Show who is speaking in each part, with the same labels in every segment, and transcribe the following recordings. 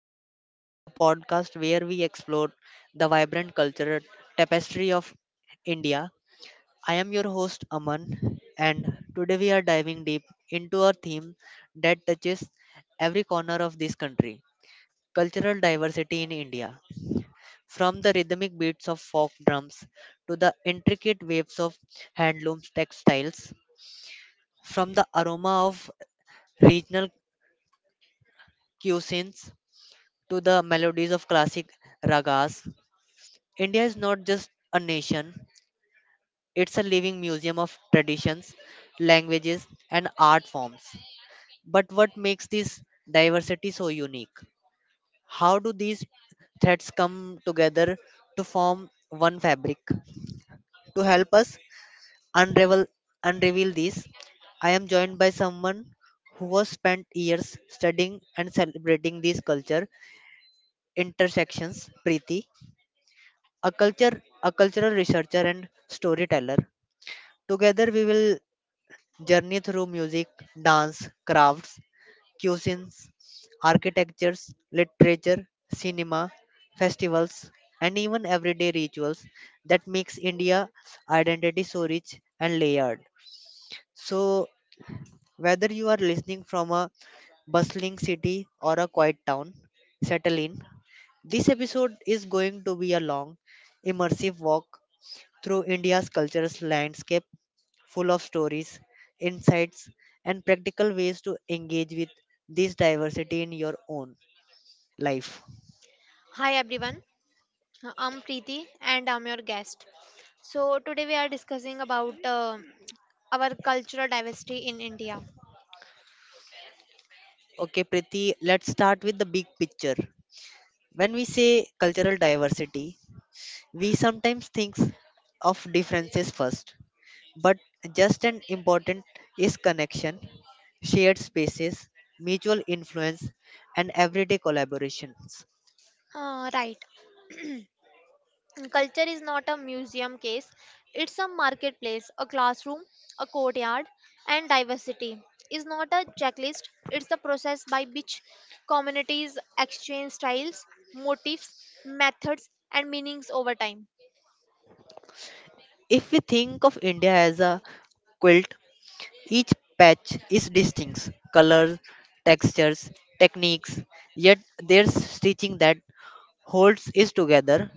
Speaker 1: podcast, a podcast where we explore the vibrant cultural tapestry of India. I am your host, Aman, and today we are diving deep into a theme that touches every corner of this country, cultural diversity in India. From the rhythmic beats of folk drums to the intricate waves of handloom textiles, from the aroma of regional cuisines to the melodies of classic ragas, India is not just a nation, it's a living museum of traditions, languages, and art forms. But what makes this diversity so unique? How do these threads come together to form one fabric? To help us unravel unreveal this, I am joined by someone who has spent years studying and celebrating these culture intersections, Preeti, a cultural researcher and storyteller. Together we will journey through music, dance, crafts, cuisines, architectures, literature, cinema, festivals, and even everyday rituals that makes India identity so rich and layered. So whether you are listening from a bustling city or a quiet town, settle in. This episode is going to be a long, immersive walk through India's cultural landscape, full of stories, insights, and practical ways to engage with this diversity in your own life.
Speaker 2: Hi everyone, I'm Preeti and I'm your guest. So today we are discussing about our cultural diversity in India.
Speaker 1: Okay, Priti, let's start with the big picture. When we say cultural diversity, we sometimes think of differences first, but just as important is connection, shared spaces, mutual influence, and everyday collaborations.
Speaker 2: Right, culture is not a museum case; it's a marketplace, a classroom, a courtyard, and diversity is not a checklist. It's the process by which communities exchange styles, motifs, methods, and meanings over time.
Speaker 1: If we think of India as a quilt, each patch is distinct colors, textures, techniques, yet there's stitching that holds it together.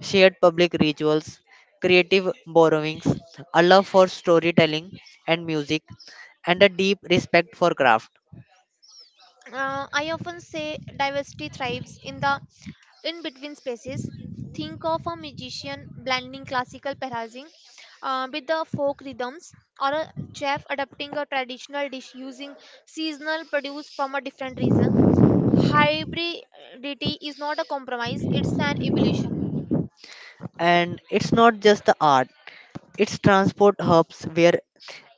Speaker 1: Shared public rituals, creative borrowings, a love for storytelling and music, and a deep respect for craft.
Speaker 2: I often say diversity thrives in the in between spaces. Think of a musician blending classical phrasing with the folk rhythms, or a chef adapting a traditional dish using seasonal produce from a different region. Hybridity is not a compromise; it's an evolution.
Speaker 1: And it's not just the art, it's transport hubs where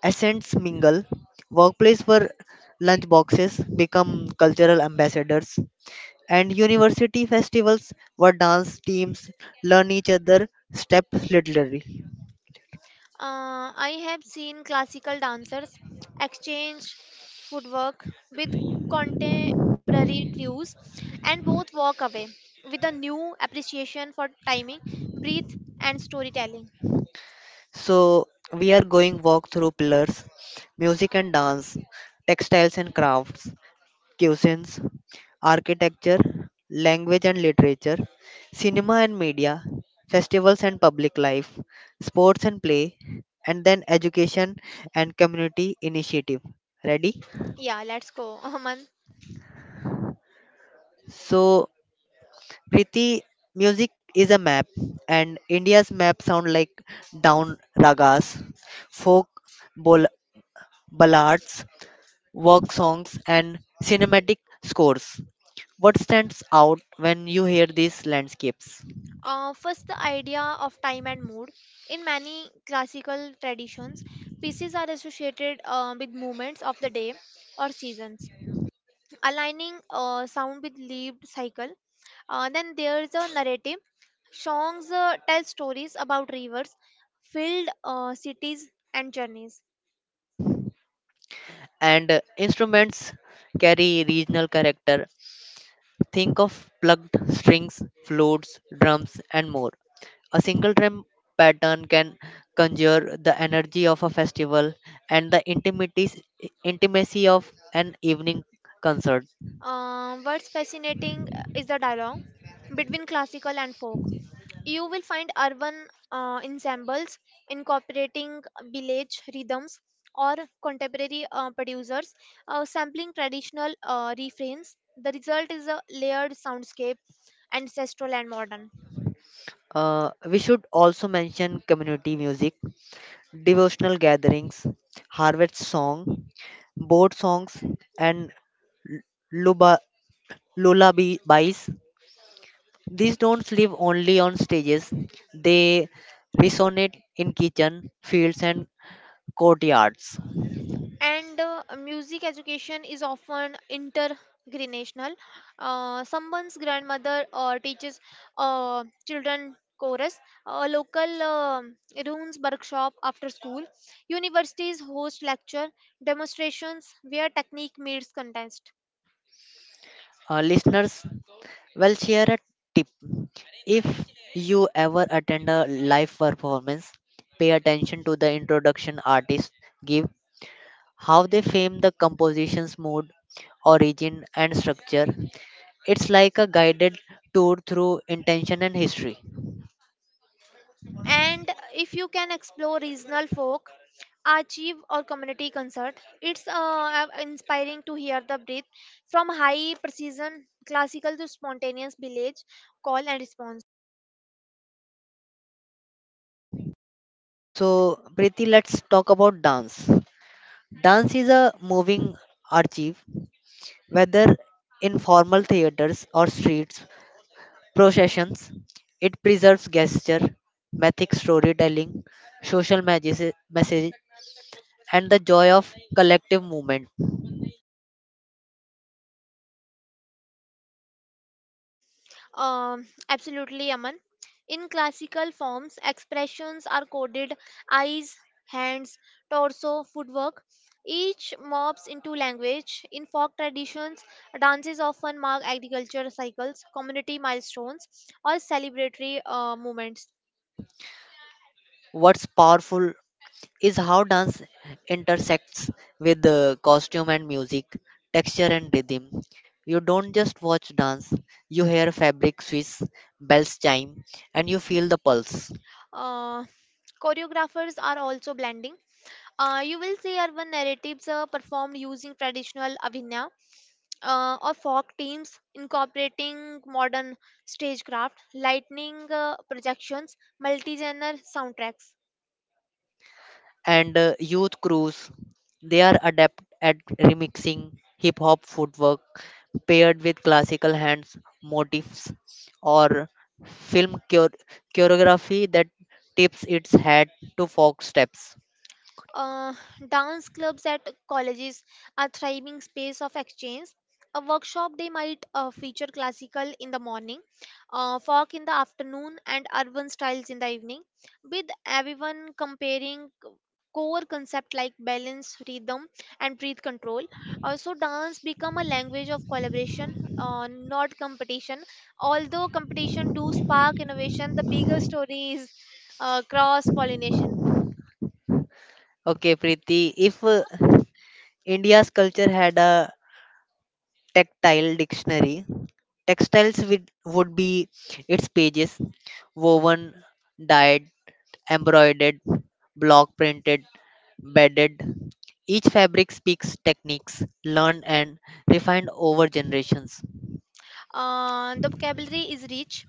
Speaker 1: essence mingle. Workplace where lunchboxes become cultural ambassadors and university festivals where dance teams learn each other step literally.
Speaker 2: I have seen classical dancers exchange footwork with contemporary crews and both walk away with a new appreciation for timing, breath, and storytelling.
Speaker 1: So we are going walk through pillars: music and dance, textiles and crafts, cuisines, architecture, language and literature, cinema and media, festivals and public life, sports and play, and then education and community initiative. Ready?
Speaker 2: Yeah, let's go, Aman.
Speaker 1: So Kriti, music is a map, and India's map sound like down ragas, folk bol- ballads, work songs, and cinematic scores. What stands out when you hear these landscapes?
Speaker 2: First, the idea of time and mood. In many classical traditions, pieces are associated with moments of the day or seasons, aligning sound with lived cycle. Then there's a narrative. Songs tell stories about rivers, field, cities, and journeys.
Speaker 1: And instruments carry regional character. Think of plugged strings, flutes, drums, and more. A single drum pattern can conjure the energy of a festival and the intimacy of an evening concert.
Speaker 2: What's fascinating is the dialogue between classical and folk. You will find urban ensembles incorporating village rhythms or contemporary producers sampling traditional refrains. The result is a layered soundscape, ancestral and modern.
Speaker 1: We should also mention community music, devotional gatherings, harvest song, boat songs, and lullaby- lullabies. These don't live only on stages, they resonate in kitchen, fields, and courtyards.
Speaker 2: And music education is often intergenerational. Uh, someone's grandmother teaches children chorus, a local runes workshop after school, universities host lecture demonstrations where technique meets contest.
Speaker 1: Listeners, well, share a tip. If you ever attend a live performance, pay attention to the introduction artists give, how they frame the composition's mood, origin, and structure. It's like a guided tour through intention and history.
Speaker 2: And if you can explore regional folk, archive or community concert, it's inspiring to hear the breath from high precision classical to spontaneous village call and response.
Speaker 1: So, Preeti, let's talk about dance. Dance is a moving archive, whether in formal theaters or streets processions. It preserves gesture, mythic storytelling, social message, and the joy of collective movement.
Speaker 2: Absolutely, Aman. In classical forms, expressions are coded: eyes, hands, torso, footwork. Each morphs into language. In folk traditions, dances often mark agriculture cycles, community milestones, or celebratory moments.
Speaker 1: What's powerful is how dance intersects with the costume and music, texture and rhythm. You don't just watch dance, you hear fabric swish, bells chime, and you feel the pulse.
Speaker 2: Uh, Choreographers are also blending. You will see urban narratives performed using traditional abhinaya, or folk teams incorporating modern stagecraft, lightning projections, multi genre soundtracks.
Speaker 1: And Youth Cruise. They are adept at remixing hip hop footwork paired with classical hands motifs or film choreography that tips its hat to folk steps.
Speaker 2: Uh, Dance clubs at colleges are thriving space of exchange. A workshop day might feature classical in the morning, folk in the afternoon, and urban styles in the evening, with everyone comparing core concept like balance, rhythm, and breath control. Also, dance become a language of collaboration, not competition. Although competition do spark innovation, the bigger story is cross pollination.
Speaker 1: Okay, Preeti, if India's culture had a tactile dictionary, textiles would be its pages, woven, dyed, embroidered, block printed, bedded. Each fabric speaks techniques learned and refined over generations,
Speaker 2: The vocabulary is rich.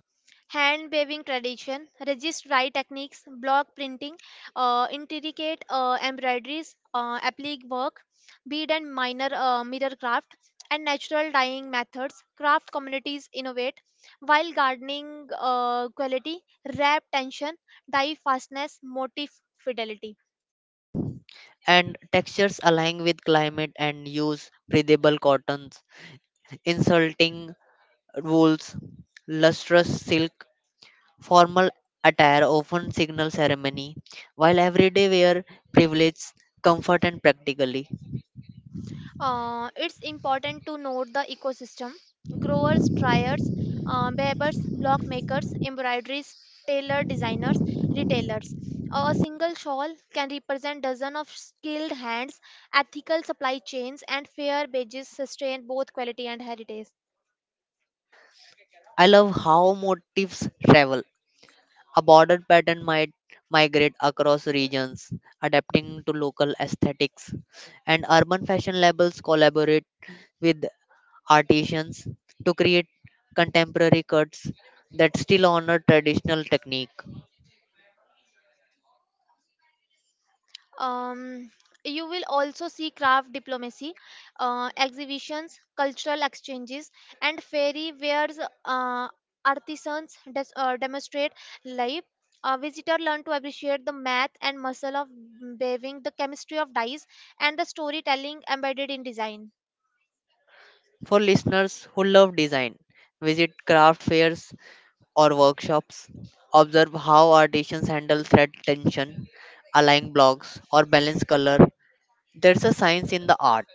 Speaker 2: Hand weaving tradition, resist dye techniques, block printing, intricate embroideries, applique work, bead and minor mirror craft, and natural dyeing methods. Craft communities innovate while gardening quality, wrap tension, dye fastness, motif fidelity.
Speaker 1: and textures align with climate and use breathable cottons, insulting wools, lustrous silk. Formal attire often signals ceremony, while everyday wear privileges comfort and practically.
Speaker 2: It's important to note the ecosystem. Growers, triers, weavers, block makers, embroideries, tailor designers, retailers. A single shawl can represent dozens of skilled hands. Ethical supply chains and fair wages sustain both quality and heritage.
Speaker 1: I love how motifs travel. A border pattern might migrate across regions, adapting to local aesthetics, and urban fashion labels collaborate with artisans to create contemporary cuts that still honor traditional technique.
Speaker 2: Um, you will also see craft diplomacy, exhibitions, cultural exchanges, and fairy wares. Artisans demonstrate live. A visitor learn to appreciate the math and muscle of weaving, the chemistry of dyes, and the storytelling embedded in design.
Speaker 1: For listeners who love design, visit craft fairs or workshops, observe how artisans handle thread tension, align blocks, or balance color. There's a science in the art.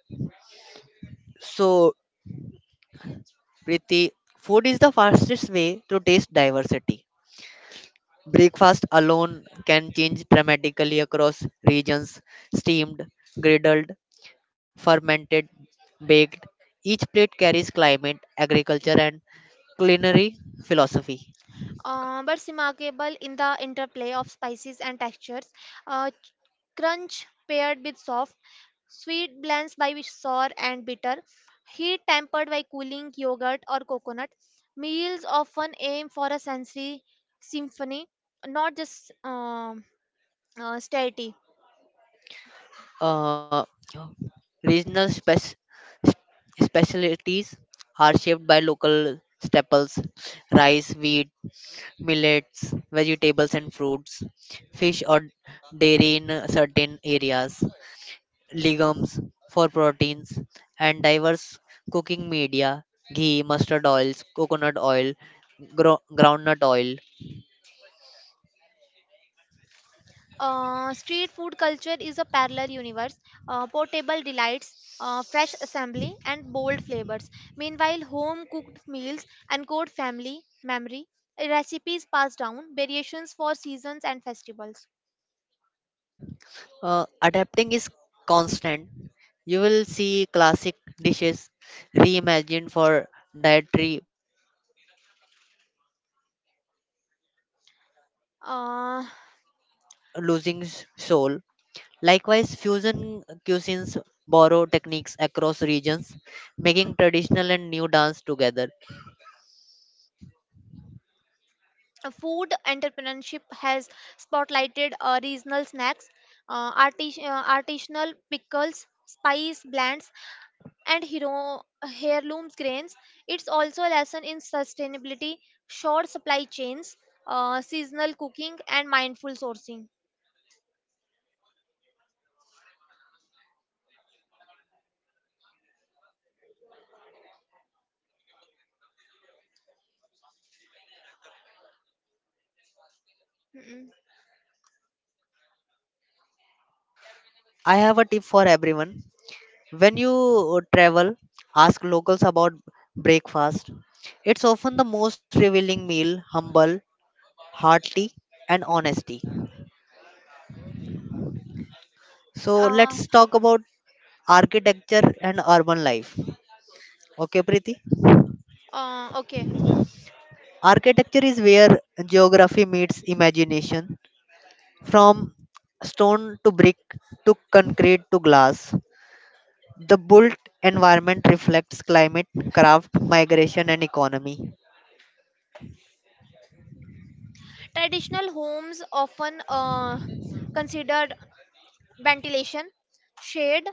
Speaker 1: So, Priti, food is the fastest way to taste diversity. Breakfast alone can change dramatically across regions, steamed, griddled, fermented, baked. Each plate carries climate, agriculture, and culinary philosophy.
Speaker 2: Uh, but remarkable in the interplay of spices and textures. Uh, ch- Crunch paired with soft, sweet blends by with sour and bitter, heat tempered by cooling yogurt or coconut. Meals often aim for a sensory symphony, not just satiety.
Speaker 1: Uh, regional specialties are shaped by local staples, rice, wheat, millets, vegetables, and fruits, fish, or dairy in certain areas. Legumes for proteins, and diverse cooking media, ghee, mustard oils, coconut oil, groundnut oil.
Speaker 2: Street food culture is a parallel universe, portable delights, fresh assembly, and bold flavors. Meanwhile, home cooked meals encode family memory, recipes passed down, variations for seasons and festivals.
Speaker 1: Adapting is constant. You will see classic dishes reimagined for dietary preferences, vegetarian, vegans, gluten free,
Speaker 2: Uh,
Speaker 1: without losing soul. Likewise, fusion cuisines borrow techniques across regions, making traditional and new dance together.
Speaker 2: Food entrepreneurship has spotlighted regional snacks, artisanal pickles, spice blends, and heirloom grains. It's also a lesson in sustainability, short supply chains, seasonal cooking, and mindful sourcing. Mm-mm.
Speaker 1: I have a tip for everyone. When you travel, ask locals about breakfast. It's often the most revealing meal, humble, hearty, and honesty. So
Speaker 2: Uh,
Speaker 1: let's talk about architecture and urban life. Okay, Preeti?
Speaker 2: okay.
Speaker 1: Architecture is where geography meets imagination. From stone to brick to concrete to glass, the built environment reflects climate, craft, migration, and economy.
Speaker 2: Traditional homes often considered ventilation, shade,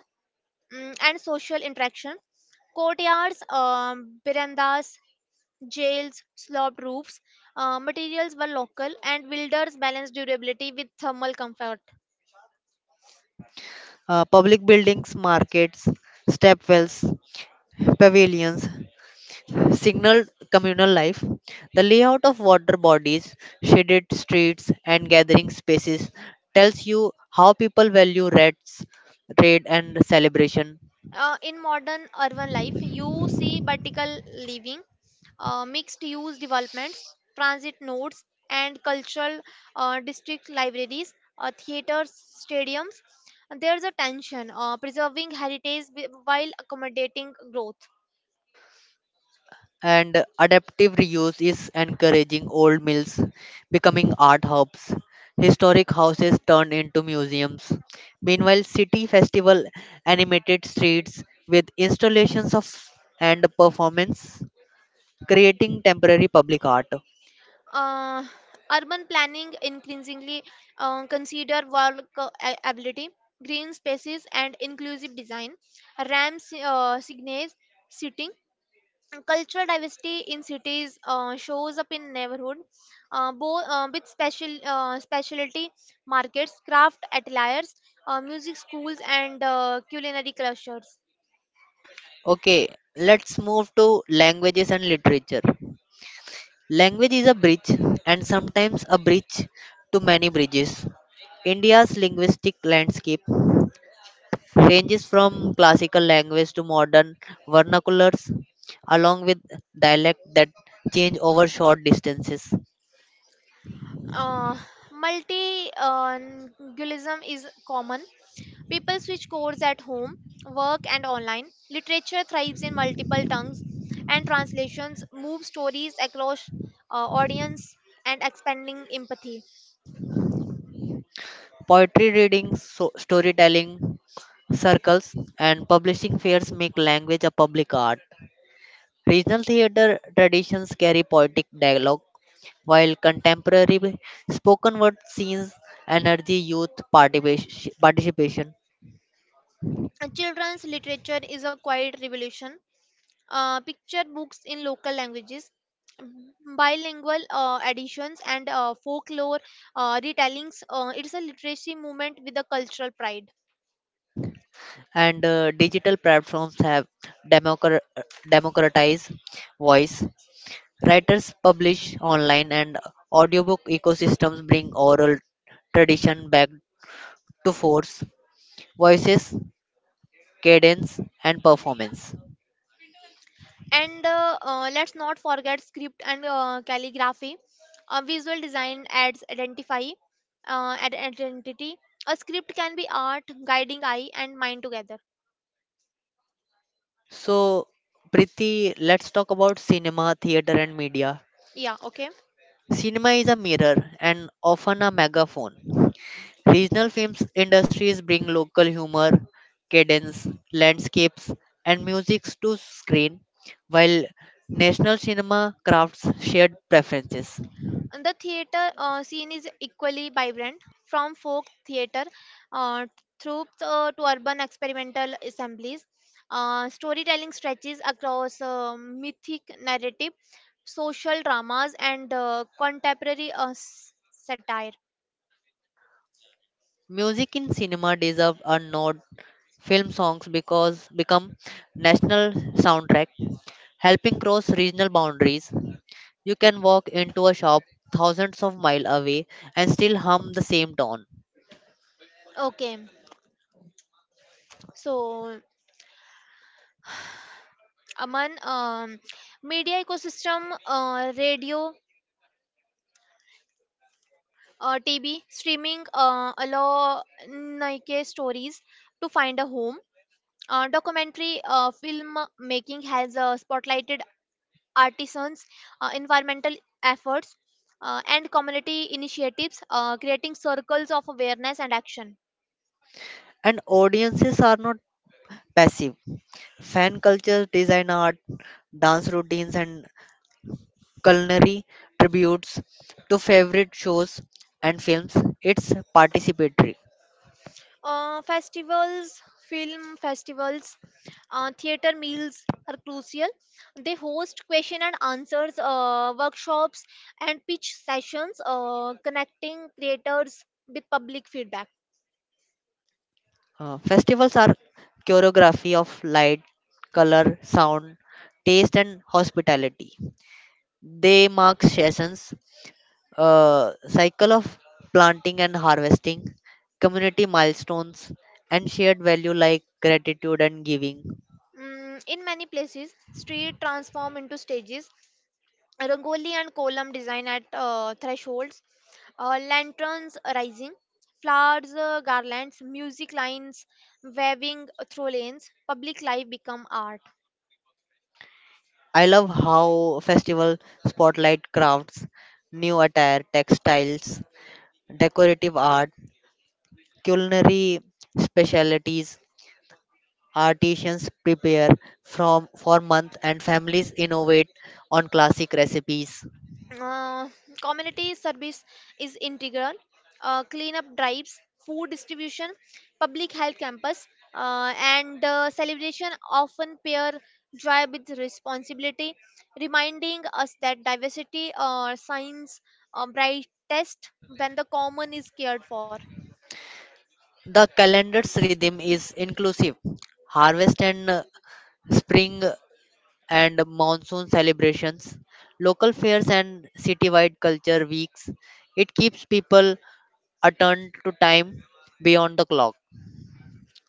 Speaker 2: and social interaction. Courtyards, verandas, jails, sloped roofs. Materials were local, and builders balanced durability with thermal comfort.
Speaker 1: Public buildings, markets, stepwells, pavilions signaled communal life. The layout of water bodies, shaded streets, and gathering spaces tells you how people value rats, raid, and celebration.
Speaker 2: In modern urban life, you see vertical living, mixed use developments, transit nodes, and cultural district libraries, theaters, stadiums. There's a tension preserving heritage while accommodating growth.
Speaker 1: And adaptive reuse is encouraging, old mills becoming art hubs, historic houses turned into museums. Meanwhile, city festival animated streets with installations of and performance, creating temporary public art.
Speaker 2: Uh, Urban planning increasingly consider walkability, green spaces, and inclusive design. Ram's signage, seating. Cultural diversity in cities shows up in neighborhood, both with special specialty markets, craft ateliers, music schools, and culinary clusters.
Speaker 1: Okay, let's move to languages and literature. Language is a bridge, and sometimes a bridge to many bridges. India's linguistic landscape ranges from classical language to modern vernaculars, along with dialect that change over short distances.
Speaker 2: Uh, multilingualism is common. People switch course at home, work and online. Literature thrives in multiple tongues, and translations move stories across audience and expanding empathy.
Speaker 1: Poetry reading, storytelling circles, and publishing fairs make language a public art. Regional theatre traditions carry poetic dialogue, while contemporary spoken word scenes energy youth participation.
Speaker 2: And children's literature is a quiet revolution. Picture books in local languages, m- bilingual editions, and folklore retellings. It's a literacy movement with a cultural pride.
Speaker 1: And digital platforms have democra- democratized voice. Writers publish online and audiobook ecosystems bring oral tradition back to force, voices, cadence, and performance.
Speaker 2: And let's not forget script and calligraphy. Visual design adds identity. A script can be art, guiding eye and mind together.
Speaker 1: So, Priti, let's talk about cinema, theater, and media.
Speaker 2: Yeah. Okay.
Speaker 1: Cinema is a mirror and often a megaphone. Regional films industries bring local humor, cadence, landscapes, and music to screen, while national cinema crafts shared preferences.
Speaker 2: And the theater scene is equally vibrant, from folk theater uh, through to urban experimental assemblies. Storytelling stretches across mythic narrative, social dramas, and contemporary satire.
Speaker 1: Music in cinema deserve a nod. Film songs because become national soundtrack, helping cross regional boundaries. You can walk into a shop thousands of miles away and still hum the same tone.
Speaker 2: Okay, so Aman, media ecosystem, radio, TV, streaming, allow Nike stories to find a home. Documentary film making has spotlighted artisans, environmental efforts, and community initiatives, creating circles of awareness and action.
Speaker 1: And audiences are not passive. Fan culture, design art, dance routines, and culinary tributes to favorite shows and films. It's participatory.
Speaker 2: Festivals, film festivals, theater meals are crucial. They host question and answers, workshops, and pitch sessions, connecting creators with public feedback.
Speaker 1: Festivals are choreography of light, color, sound, taste, and hospitality. They mark seasons, cycle of planting and harvesting, community milestones, and shared value like gratitude and giving.
Speaker 2: In many places, street transform into stages. Rangoli and column design at thresholds, lanterns rising, flowers, garlands, music lines waving through lanes. Public life become art.
Speaker 1: I love how festival spotlight crafts, new attire, textiles, decorative art, culinary specialties. Artisans prepare from for months and families innovate on classic recipes.
Speaker 2: Uh, community service is integral. Cleanup drives, food distribution, public health campus, and celebration often pair joy with responsibility, reminding us that diversity shines brightest when the common is cared for.
Speaker 1: The calendar's rhythm is inclusive. Harvest and spring and monsoon celebrations, local fairs and citywide culture weeks. It keeps people attuned to time beyond the clock.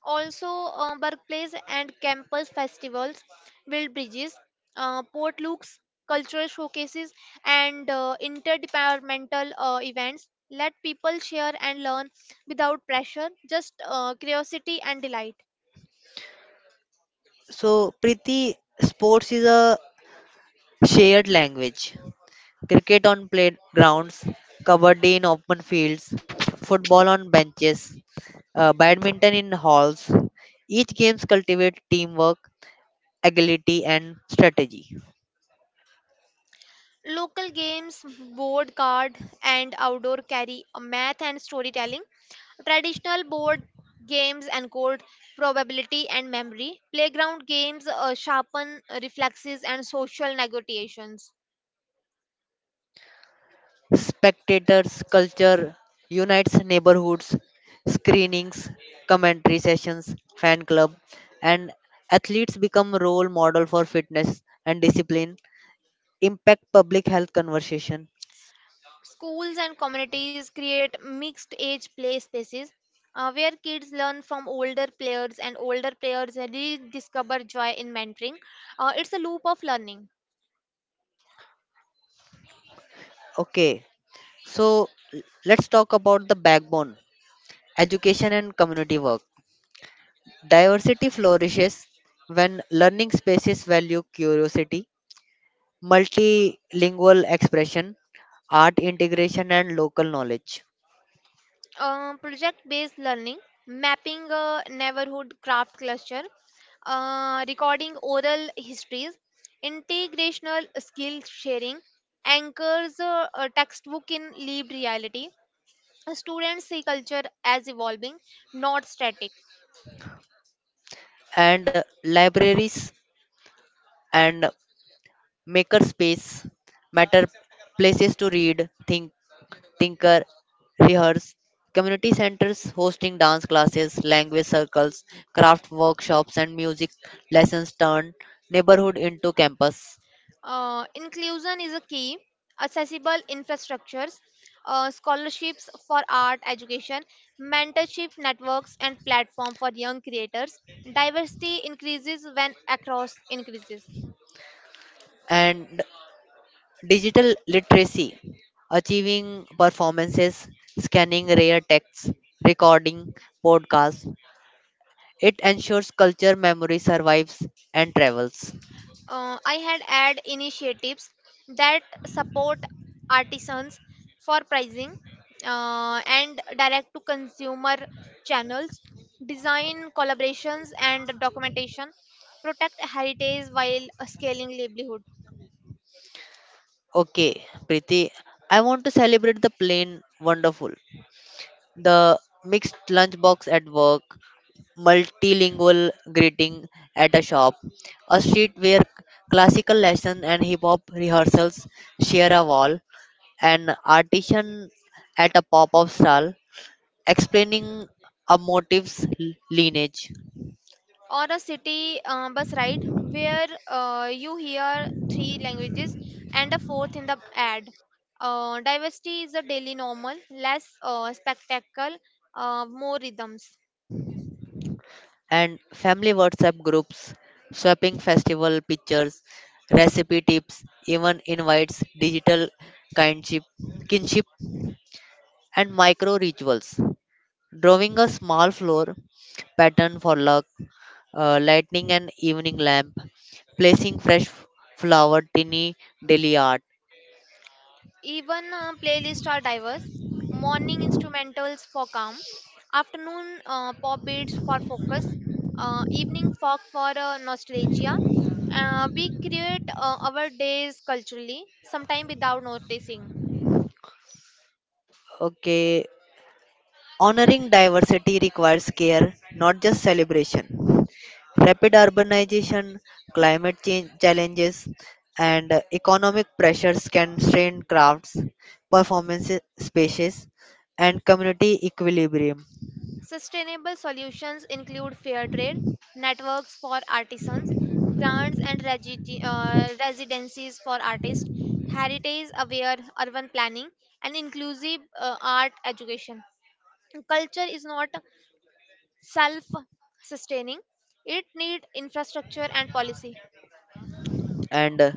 Speaker 2: Also, workplace and campus festivals build bridges, port looks, cultural showcases, and interdepartmental events let people share and learn without pressure, just curiosity and delight.
Speaker 1: So, Priti, sports is a shared language. Cricket on playgrounds, covered in open fields, football on benches, badminton in halls. Each games cultivate teamwork, agility, and strategy.
Speaker 2: Local games, board card, and outdoor carry, math and storytelling. Traditional board games encode probability and memory. Playground games sharpen reflexes and social negotiations.
Speaker 1: Spectators' culture unites neighborhoods, screenings, commentary sessions, fan club, and athletes become role model for fitness and discipline. Impact public health conversation.
Speaker 2: Schools and communities create mixed age play spaces where kids learn from older players and older players rediscover joy in mentoring. It's a loop of learning.
Speaker 1: Okay, so let's talk about the backbone, education and community work. Diversity flourishes when learning spaces value curiosity, multilingual expression, art integration, and local knowledge.
Speaker 2: Project based learning, mapping a neighborhood craft cluster, recording oral histories, integrational skill sharing, anchors a textbook in lived reality. Students see culture as evolving, not static.
Speaker 1: And libraries and maker space matter, places to read, think, tinker, rehearse. Community centers hosting dance classes, language circles, craft workshops, and music lessons turn neighborhood into campus.
Speaker 2: Inclusion is a key. Accessible infrastructures, scholarships for art education, mentorship networks, and platform for young creators. Diversity increases when across increases.
Speaker 1: And digital literacy, achieving performances, scanning rare texts, recording podcasts. It ensures culture memory survives and travels.
Speaker 2: I had add initiatives that support artisans for pricing, and direct to consumer channels, design collaborations and documentation, protect heritage while scaling livelihood.
Speaker 1: Okay, Priti, I want to celebrate the plain wonderful. The mixed lunchbox at work, multilingual greeting at a shop, a street where classical lesson and hip hop rehearsals share a wall, an artisan at a pop-up stall, explaining a motive's lineage,
Speaker 2: Or a city bus ride where you hear three languages and a fourth in the ad. Diversity is a daily normal, less spectacle, more rhythms.
Speaker 1: and family WhatsApp groups, shopping festival pictures, recipe tips, even invites, digital kindship, kinship, and micro rituals. Drawing a small floor pattern for luck, lighting an evening lamp, placing fresh flower, tiny daily art.
Speaker 2: Even playlists are diverse. Morning instrumentals for calm, afternoon pop beats for focus, evening folk for nostalgia. We create our days culturally, sometimes without noticing.
Speaker 1: Okay, honoring diversity requires care, not just celebration. Rapid urbanization, climate change challenges, and economic pressures can strain crafts, performances, spaces, and community equilibrium.
Speaker 2: Sustainable solutions include fair trade, networks for artisans, grants and residencies for artists, heritage aware urban planning, and inclusive art education. Culture is not self sustaining, it needs infrastructure and policy.
Speaker 1: And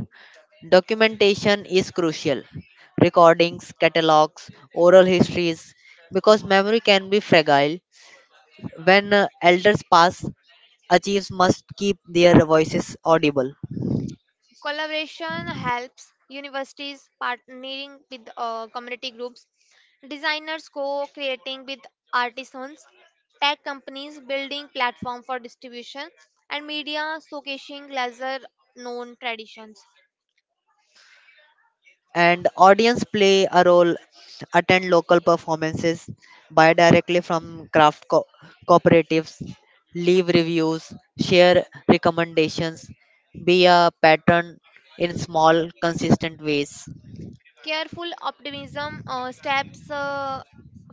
Speaker 1: documentation is crucial. Recordings, catalogs, oral histories, because memory can be fragile. When elders pass, archives must keep their voices audible.
Speaker 2: Collaboration helps universities partnering with community groups, designers co-creating with artisans, tech companies building platform for distribution, and media showcasing lesser known traditions.
Speaker 1: And audience play a role, attend local performances, buy directly from craft cooperatives, leave reviews, share recommendations, be a pattern in small consistent ways.
Speaker 2: Careful optimism steps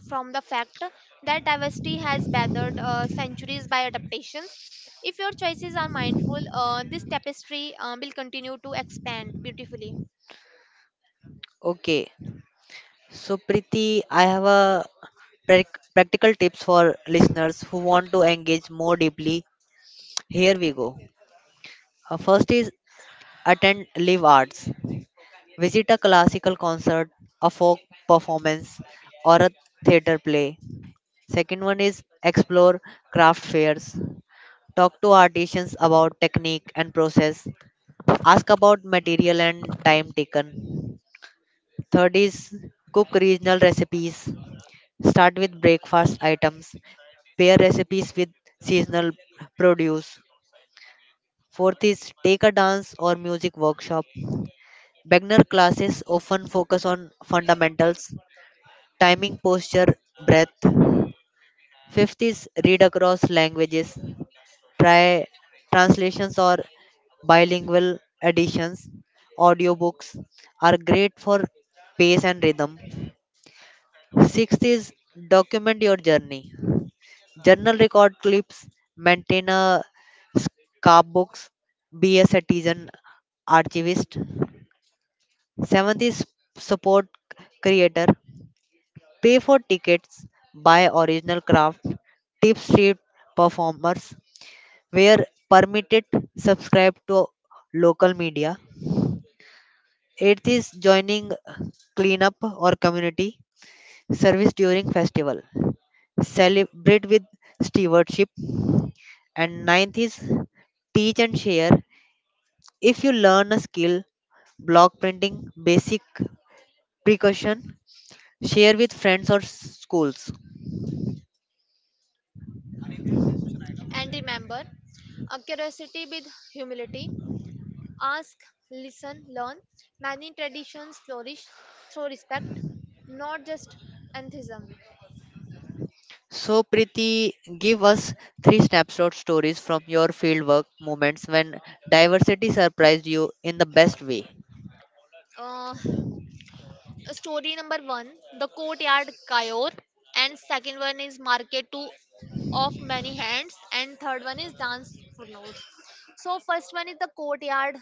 Speaker 2: from the fact that diversity has weathered centuries by adaptations. If your choices are mindful, this tapestry will continue to expand beautifully.
Speaker 1: Okay, so Priti, I have a practical tips for listeners who want to engage more deeply. Here we go. First is attend live arts. Visit a classical concert, a folk performance, or a theater play. Second one is explore craft fairs. Talk to artisans about technique and process. Ask about material and time taken. Third is cook regional recipes. Start with breakfast items. Pair recipes with seasonal produce. Fourth is take a dance or music workshop. Beginner classes often focus on fundamentals, timing, posture, breath. Fifth is read across languages, try translations or bilingual editions. Audiobooks are great for pace and rhythm. Sixth is document your journey. Journal record clips, maintain a scrapbooks, be a citizen archivist. Seventh is support creator. Pay for tickets, buy original craft, tip street performers, where permitted, subscribe to local media. Eighth is joining cleanup or community service during festival. Celebrate with stewardship. And ninth is teach and share. If you learn a skill, block printing, basic precaution, share with friends or schools.
Speaker 2: And remember, a curiosity with humility. Ask, listen, learn. Many traditions flourish through respect, not just enthusiasm.
Speaker 1: So, Priti, give us three snapshot stories from your fieldwork, moments when diversity surprised you in the best way.
Speaker 2: Uh, Story number one, the courtyard Kayor, and second one is market two of many hands, and third one is dance for notes. So, first one is the courtyard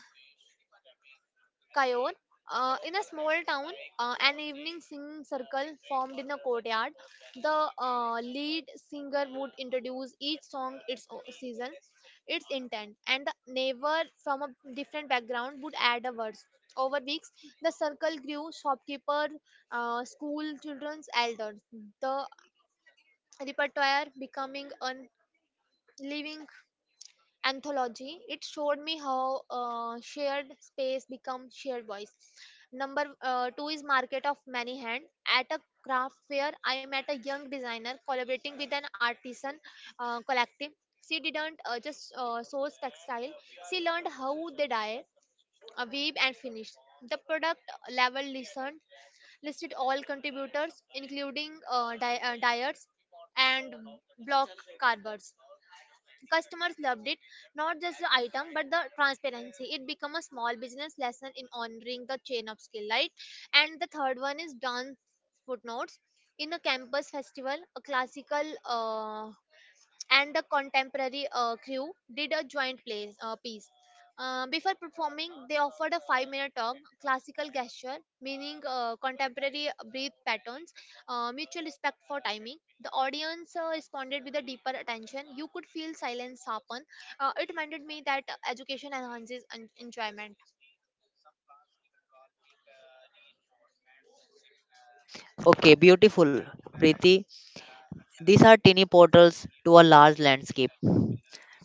Speaker 2: Kayor. In a small town, an evening singing circle formed in a courtyard. The lead singer would introduce each song, its season, its intent, and the neighbor from a different background would add a verse. Over weeks, the circle grew. Shopkeeper, school children's elders. The repertoire becoming a living anthology. It showed me how shared space becomes shared voice. Number 2 is market of many hand. At a craft fair I met a young designer collaborating with an artisan collective. She didn't just source textile. She learned how they dye, weave and finish the product level. Listened, listed all contributors, including dyers and block carvers. Customers loved it, not just the item, but the transparency. It became a small business lesson in honoring the chain of skill, right? And the third one is dance footnotes. In a campus festival, a classical and the contemporary crew did a joint piece. Before performing, they offered a 5-minute talk: classical gesture, meaning, contemporary breath patterns, mutual respect for timing. The audience responded with a deeper attention. You could feel silence happen. It reminded me that education enhances enjoyment.
Speaker 1: Okay, beautiful, Priti. These are tiny portals to a large landscape.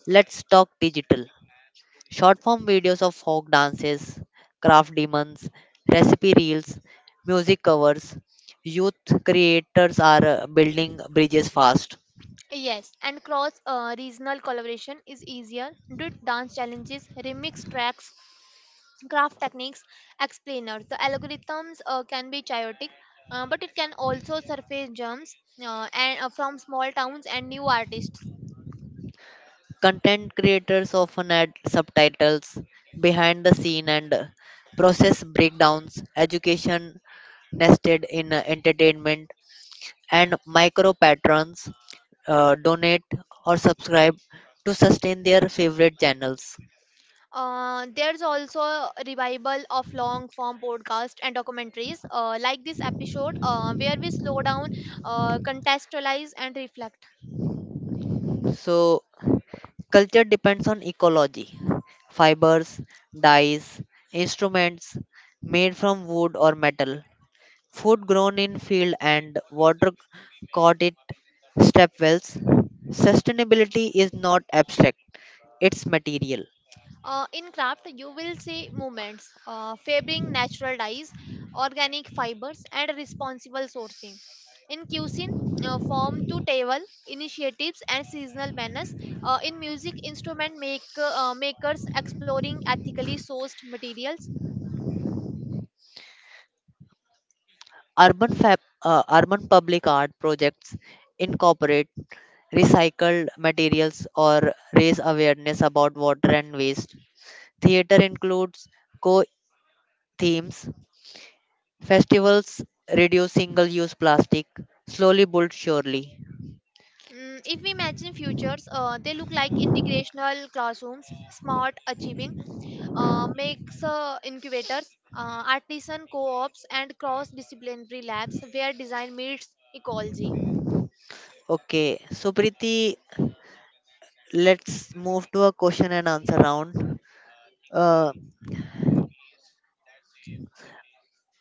Speaker 1: Let's talk digital. Short form videos of folk dances, craft demons, recipe reels, music covers. Youth creators are building bridges fast.
Speaker 2: Yes, and cross regional collaboration is easier. Did dance challenges, remix tracks, graph techniques explainer, the algorithms can be chaotic, but it can also surface germs, and from small towns and new artists.
Speaker 1: Content creators often add subtitles, behind the scene, and process breakdowns, education nested in entertainment, and micro patrons donate or subscribe to sustain their favorite channels.
Speaker 2: There's also a revival of long form podcasts and documentaries, like this episode, where we slow down, contextualize and reflect.
Speaker 1: So, culture depends on ecology, fibers, dyes, instruments made from wood or metal, food grown in field and water caught it stepwells. Sustainability is not abstract, it's material.
Speaker 2: In craft, you will see movements, favoring natural dyes, organic fibers, and responsible sourcing. In cuisine, form to table initiatives and seasonal menus. In music, instrument makers exploring ethically sourced materials.
Speaker 1: Urban public art projects incorporate recycled materials or raise awareness about water and waste. Theater includes co themes, festivals reduce single use plastic, slowly but surely.
Speaker 2: If we imagine futures, they look like integrational classrooms, smart achieving, makes incubators, artisan co-ops, and cross-disciplinary labs where design meets ecology.
Speaker 1: Okay, so Preeti, let's move to a question and answer round. Uh,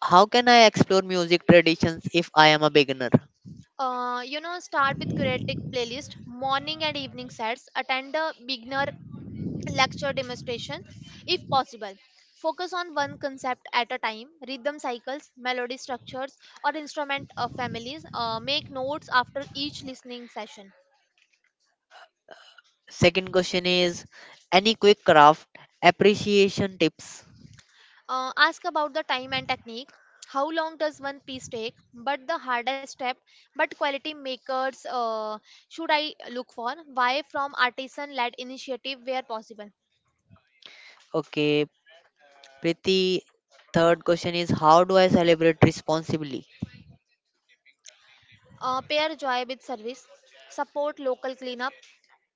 Speaker 1: how can I explore music traditions if I am a beginner?
Speaker 2: Start with curated playlist, morning and evening sets, attend a beginner lecture demonstration if possible. Focus on one concept at a time: rhythm cycles, melody structures, or instrument families. Make notes after each listening session.
Speaker 1: Second question is any quick craft appreciation tips?
Speaker 2: Ask about the time and technique. How long does one piece take? But the hardest step, but quality makers should I look for? Why from artisan led initiative where possible?
Speaker 1: Okay, Priti. Third question is how do I celebrate responsibly?
Speaker 2: Pair joy with service, support local cleanup,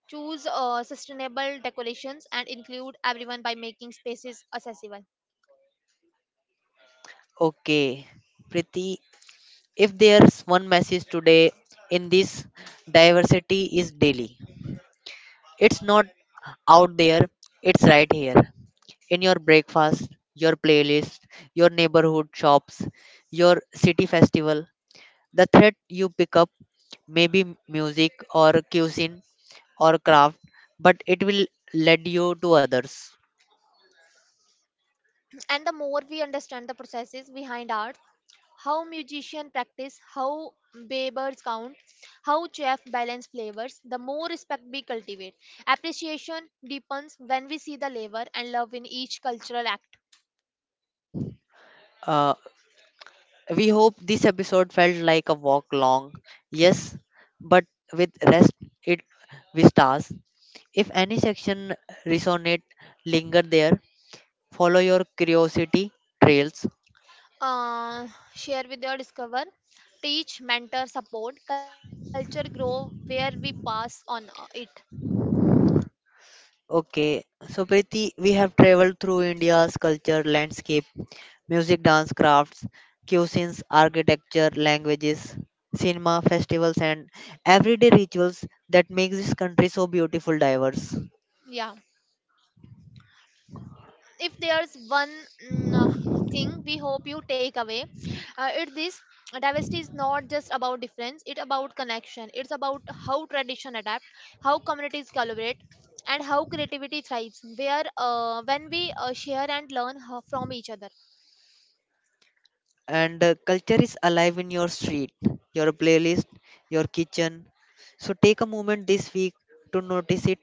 Speaker 2: choose sustainable decorations, and include everyone by making spaces accessible.
Speaker 1: Okay, Priti. If there's one message today in this, diversity is daily. It's not out there, it's right here. In your breakfast, your playlist, your neighborhood shops, your city festival. The thread you pick up may be music or cuisine or craft, but it will lead you to others.
Speaker 2: And the more we understand the processes behind art, how musicians practice, how babers count, how chef balance flavors, the more respect we cultivate. Appreciation deepens when we see the labor and love in each cultural act.
Speaker 1: Uh, we hope this episode felt like a walk long, yes, but with rest it with stars. If any section resonate, linger there. Follow your curiosity trails.
Speaker 2: uh, Share with your discover, teach mentor, support culture grow where we pass on it.
Speaker 1: Okay, so Preeti, we have traveled through India's culture, landscape, music, dance, crafts, cuisines, architecture, languages, cinema, festivals, and everyday rituals that make this country so beautiful, diverse.
Speaker 2: Yeah, if there's one mm, uh, thing we hope you take away, it this: diversity is not just about difference, it's about connection, it's about how tradition adapt, how communities collaborate, and how creativity thrives where when we share and learn from each other.
Speaker 1: And culture is alive in your street, your playlist, your kitchen. So take a moment this week to notice it,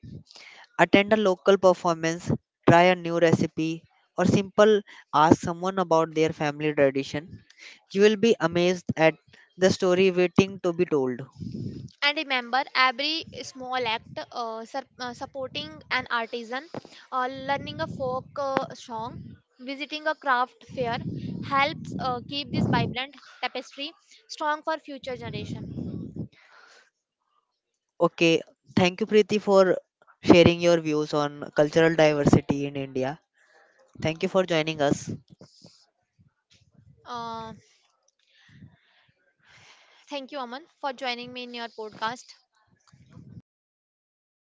Speaker 1: attend a local performance, try a new recipe, or simple ask someone about their family tradition. You will be amazed at the story waiting to be told.
Speaker 2: And remember, every small act, supporting an artisan, learning a folk song, visiting a craft fair, helps keep this vibrant tapestry strong for future generation.
Speaker 1: Okay, thank you, Preeti, for sharing your views on cultural diversity in India. Thank you for joining us.
Speaker 2: uh, Thank you Aman for joining me in your podcast and